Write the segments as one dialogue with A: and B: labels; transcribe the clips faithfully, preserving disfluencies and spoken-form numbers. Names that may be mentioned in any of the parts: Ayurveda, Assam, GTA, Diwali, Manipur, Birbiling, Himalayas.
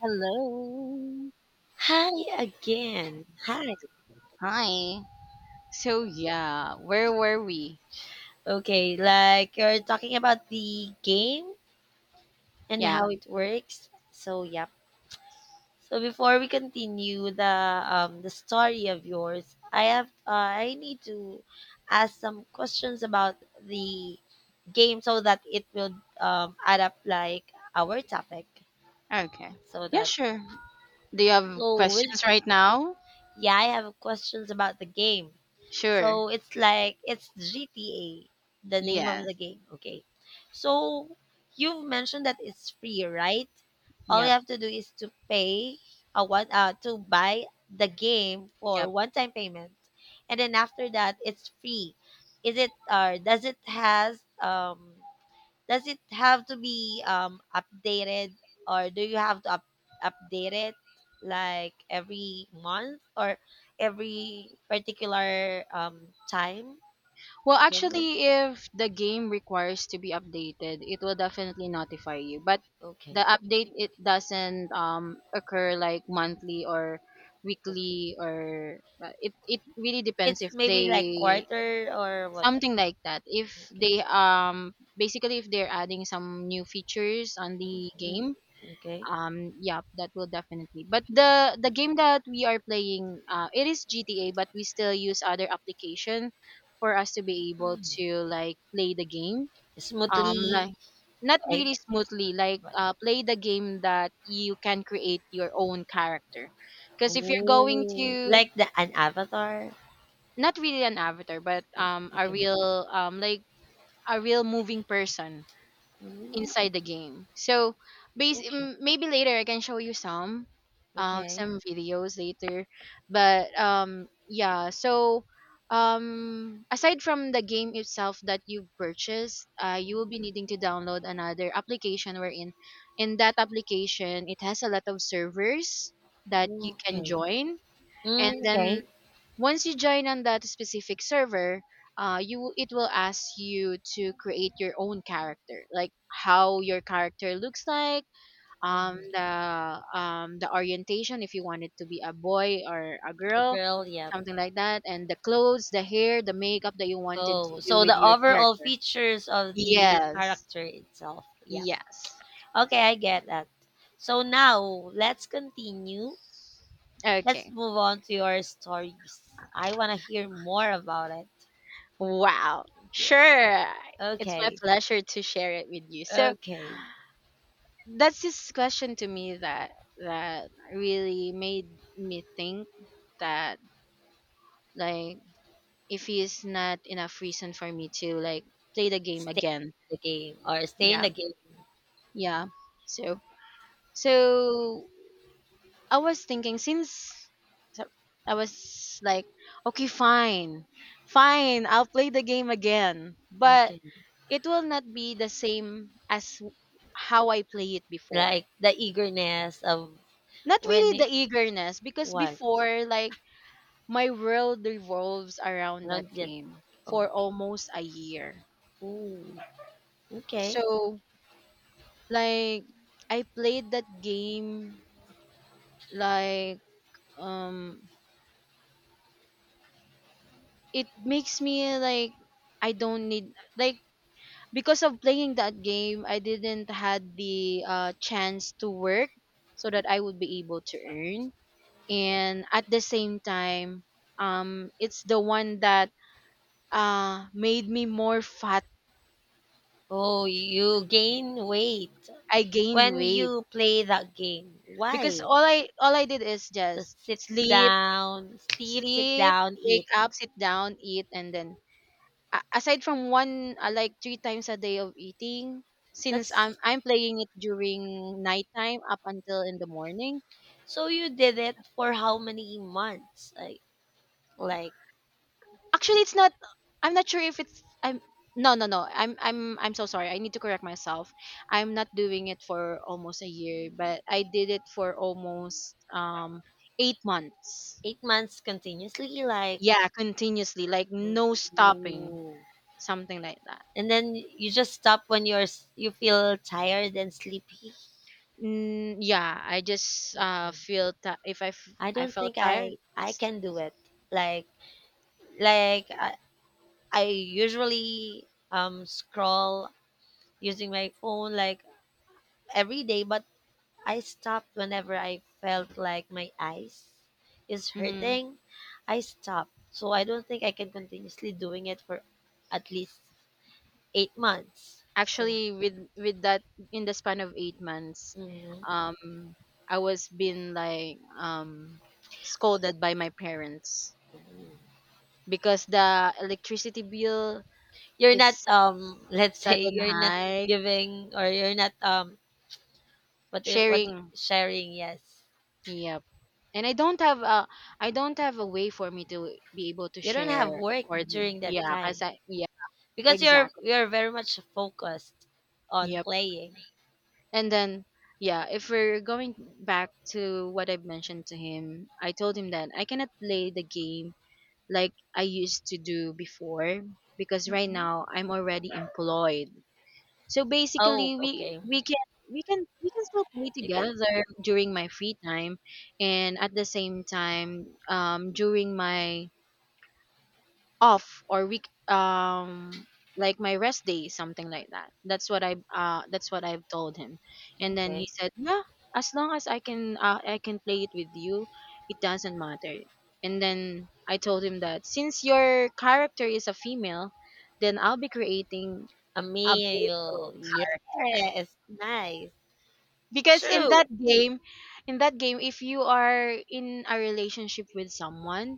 A: Hello.
B: Hi again. Hi.
A: Hi. So, yeah, where were we?
B: Okay, like you're talking about the game and
A: Yeah.
B: how it works. So, yep. So before we continue the um the story of yours, I have uh, I need to ask some questions about the game so that it will um adapt like our topic
A: Okay.
B: so
A: Yeah,
B: that
A: sure. Do you have
B: so with
A: questions right now?
B: yeah, I have questions about the game.
A: Sure.
B: So it's like it's G T A, the name of
A: Yes.
B: the game. Okay. So you've mentioned that it's free, right? All you
A: Yep.
B: have to do is to pay a one uh to buy the game for
A: Yep.
B: one time payment. And then after that it's free. Is it, or does it has um does it have to be um updated, or do you have to up- update it like every month or every particular um time?
A: Well,
B: Remember?
A: actually, if the game requires to be updated, it will definitely notify you. But
B: Okay.
A: the update, it doesn't um occur like monthly or
B: Okay.
A: weekly, or uh, it it really depends
B: It's
A: if
B: maybe like
A: they.
B: quarter or what?
A: Something like that. If
B: Okay.
A: they um basically, if they're adding some new features on the
B: mm
A: game,
B: Okay.
A: um yeah, that will definitely. But the the game that we are playing, uh, it is G T A, but we still use other application for us to be able to, like, play the game. Um like,
B: Smoothly
A: not really
B: like
A: smoothly, like,
B: what?
A: uh, play the game that you can create your own character, because if you're going
B: Oh,
A: to,
B: like the an avatar.
A: not really an avatar, but
B: An-
A: um a
B: Okay.
A: real um like a real moving person
B: Oh,
A: inside the game. So, base
B: okay.
A: m- maybe later I can show you some, um
B: Okay.
A: some videos later. But um yeah, so, um aside from the game itself that you purchased, uh you will be needing to download another application, wherein in that application, it has a lot of servers that you can
B: Okay.
A: join. And
B: Mm,
A: then
B: okay.
A: once you join on that specific server, uh, you it will ask you to create your own character, like how your character looks like, um
B: Mhm.
A: the um the orientation, if you want it to be a boy or a
B: A
A: girl,
B: girl, yep.
A: something like that, and the clothes, the hair, the makeup that you wanted to
B: Oh,
A: do
B: so
A: with
B: the
A: your
B: overall
A: character.
B: features of the
A: Yes.
B: character itself. Yep.
A: Yes.
B: Okay, I get that. So now let's continue. Let's
A: Okay.
B: move on to your stories. I want to hear more about it.
A: Wow.
B: Yeah.
A: Sure. It's my
B: Okay.
A: pleasure to share it with you. So
B: Okay.
A: that's this question to me that that really made me think that, like, if it's not enough reason for me to, like, play the game
B: Stay
A: again.
B: in the game or stay in
A: Yeah.
B: the game.
A: Yeah, so so I was thinking, since, so I was like, okay, fine, fine I'll play the game again, but
B: Okay.
A: it will not be the same as how I play it before.
B: Like the eagerness of
A: Not
B: when
A: really the
B: it
A: eagerness, because
B: what?
A: before, like, my world revolves around that
B: Not yet.
A: game for
B: Okay.
A: almost a year.
B: Ooh. Okay.
A: So, like, I played that game, like, um it makes me like, I don't need, like, because of playing that game I didn't had the uh chance to work so that I would be able to earn. And at the same time, um it's the one that uh made me more fat.
B: Oh, you gain weight.
A: I gained
B: When
A: weight,
B: you play that game,
A: because
B: why?
A: all I all I did is just
B: Just sit
A: sleep,
B: down, sleep, sit
A: sleep,
B: down,
A: wake
B: eat.
A: up, sit down, eat. And then, a- aside from one, uh, like, three times a day of eating, since I'm
B: That's
A: I'm playing it during nighttime up until in the morning.
B: so you did it for how many months? Like like
A: Actually, it's not. I'm not sure if it's. I'm No, no, no. I'm I'm I'm so sorry, I need to correct myself. I'm not doing it for almost a year, but I did it for almost um eight months.
B: eight months continuously. Like,
A: Yeah, continuously, like, no stopping.
B: ooh.
A: Something like that.
B: And then you just stop when you're s- you feel tired and sleepy.
A: Mm, yeah, I just uh
B: Okay.
A: feel that if I f-
B: I
A: I
B: don't
A: felt
B: think
A: tired.
B: I
A: I
B: I
A: s-
B: can do it. Like like I, I usually um scroll using my phone like every day, but I stopped whenever I felt like my eyes is
A: mhm.
B: hurting. I stopped. So I don't think I can continuously doing it for at least eight months. So
A: Actually, with with that, in the span of eight months,
B: mhm.
A: um, I was being, like, um scolded by my parents because the electricity bill
B: You're not
A: is
B: um let's say
A: sudden
B: you're not
A: high.
B: giving, or you're not um what i- what
A: Sharing,
B: sharing, yes.
A: yep. And I don't have a I don't have a way for me to be able to
B: You don't
A: share
B: have work
A: for the,
B: during that
A: yeah, cause
B: time
A: I, yeah.
B: because you're
A: Exactly.
B: you're very much focused on
A: Yep.
B: playing.
A: And then, yeah, if we're going back to what I've mentioned to him, I told him that I cannot play the game like I used to do before, because right
B: Mhm.
A: now I'm already employed. So
B: Oh
A: basically, we
B: okay,
A: we can we can we can still play
B: you can
A: together during my free time, and at the same time, um during my off or week, um like my rest day, something like that, that's what i uh that's what I've told him. And then he
B: okay.
A: said, yeah, as long as i can uh, I can play it with you, it doesn't matter. And then I told him that since your character is a female, then I'll be creating
B: A
A: a male
B: meal.
A: character,
B: Yes, nice.
A: because in
B: True.
A: that game in that game if you are in a relationship with someone,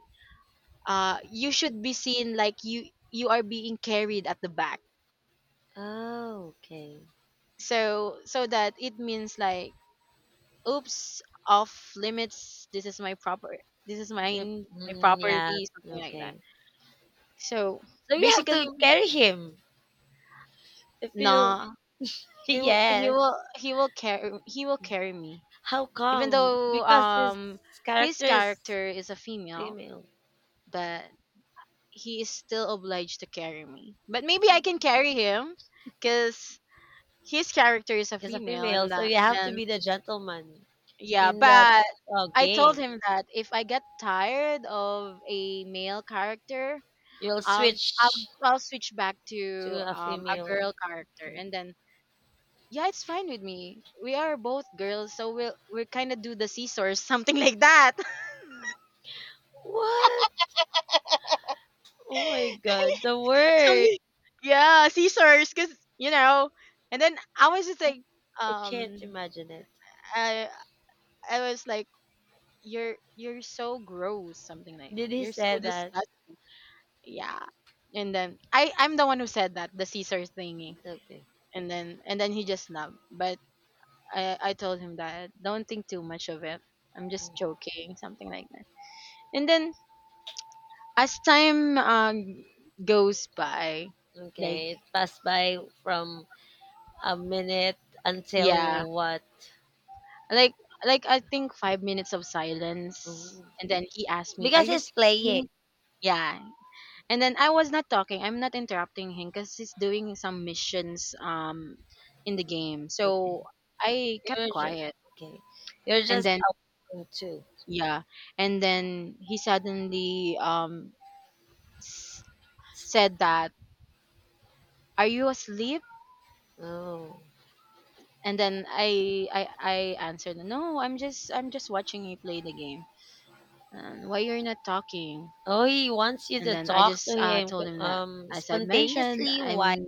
A: uh you should be seen, like, you you are being carried at the back.
B: Oh, okay.
A: So so that it means, like, oops, off limits, this is my proper this is
B: Yep.
A: mine, my
B: Mm, yeah,
A: property, something like that.
B: okay.
A: So,
B: So you have
A: basically,
B: to carry him. If you,
A: nah, he w- he
B: yes.
A: will he will carry he will carry me,
B: How
A: even
B: come?
A: though,
B: Because his
A: um his
B: character is
A: character is a female,
B: female.
A: but he is still obliged to carry me. But maybe I can carry him, because his character is a
B: He's a
A: female,
B: female,
A: and
B: so
A: that,
B: you have to
A: and
B: be the gentleman
A: yeah,
B: in that
A: but
B: uh,
A: I told
B: game.
A: him that if I get tired of a male character,
B: You'll
A: i'll i'll
B: switch
A: i'll switch back to
B: to a
A: um a
B: female.
A: girl character.
B: Okay.
A: And then, yeah, it's fine with me, we are both girls, so we'll we'll kind of do the scissors, something like that.
B: What? Oh my god, the word.
A: Something, yeah, scissors, because you know and then I was just like,
B: I
A: um
B: can't imagine it.
A: I I was like you're you're so gross, something like
B: Did
A: that,
B: he
A: you're so
B: say that?
A: disgusting. Yeah. And then i i'm the one who said that, the Caesar thingy.
B: Okay.
A: And then and then he just snubbed. But i i told him that don't think too much of it, I'm just
B: Mm,
A: joking, something like that. And then, as time, uh goes by, like,
B: okay, it passed by from a minute until
A: yeah,
B: what?
A: like like I think five minutes of silence.
B: Ooh.
A: And then he asked me, are
B: Because
A: you
B: it's playing.
A: sleeping? Yeah. And then I was not talking. I'm not interrupting him because he's doing some missions, um in the game.
B: Okay.
A: So I kept
B: You're just
A: quiet.
B: okay. You're
A: And
B: just
A: then,
B: out too.
A: yeah, and then he suddenly, um s- said that, "Are you asleep?"
B: Oh.
A: And then I I I answered, "No, I'm just I'm just watching you play the game. Um, why you're not talking?"
B: Oh, he wants you
A: And
B: to
A: then I
B: talk to
A: just uh
B: him
A: told him that,
B: um
A: as I mentioned,
B: spontaneously while
A: I'm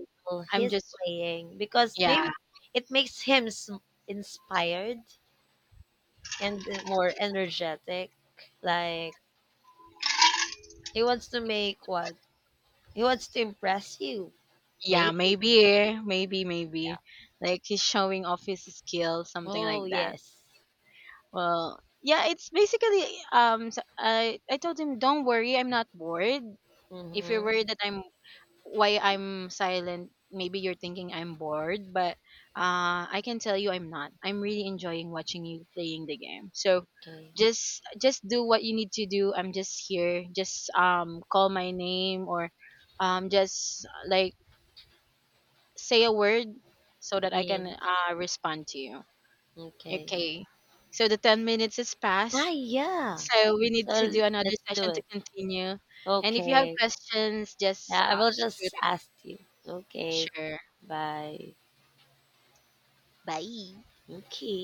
A: I'm
B: he's
A: just,
B: playing because
A: yeah.
B: maybe it makes him s- inspired and more energetic. Like he wants to make what? He wants to impress you,
A: Yeah,
B: maybe.
A: maybe, eh, maybe, maybe. Like, he's showing off his skills, something
B: Oh,
A: like that.
B: yes.
A: Well, yeah, it's basically, um s I I told him, don't worry, I'm not bored. If you're
B: Mm-hmm.
A: worried that I'm why I'm silent, maybe you're thinking I'm bored, but uh I can tell you I'm not. I'm really enjoying watching you playing the game. So
B: Okay.
A: just just do what you need to do. I'm just here. Just, um call my name, or um just, like, say a word so that I can,
B: In.
A: uh, respond to you.
B: Okay.
A: Okay. So the ten minutes is past.
B: Ah, yeah.
A: So we need
B: So
A: to
B: l-
A: do another
B: let's do
A: session to
B: it.
A: continue. And if you have
B: Okay.
A: questions, just,
B: Yeah, I
A: uh,
B: will
A: shoot
B: just
A: it.
B: ask you. Okay.
A: Sure.
B: Bye.
A: Bye.
B: Okay.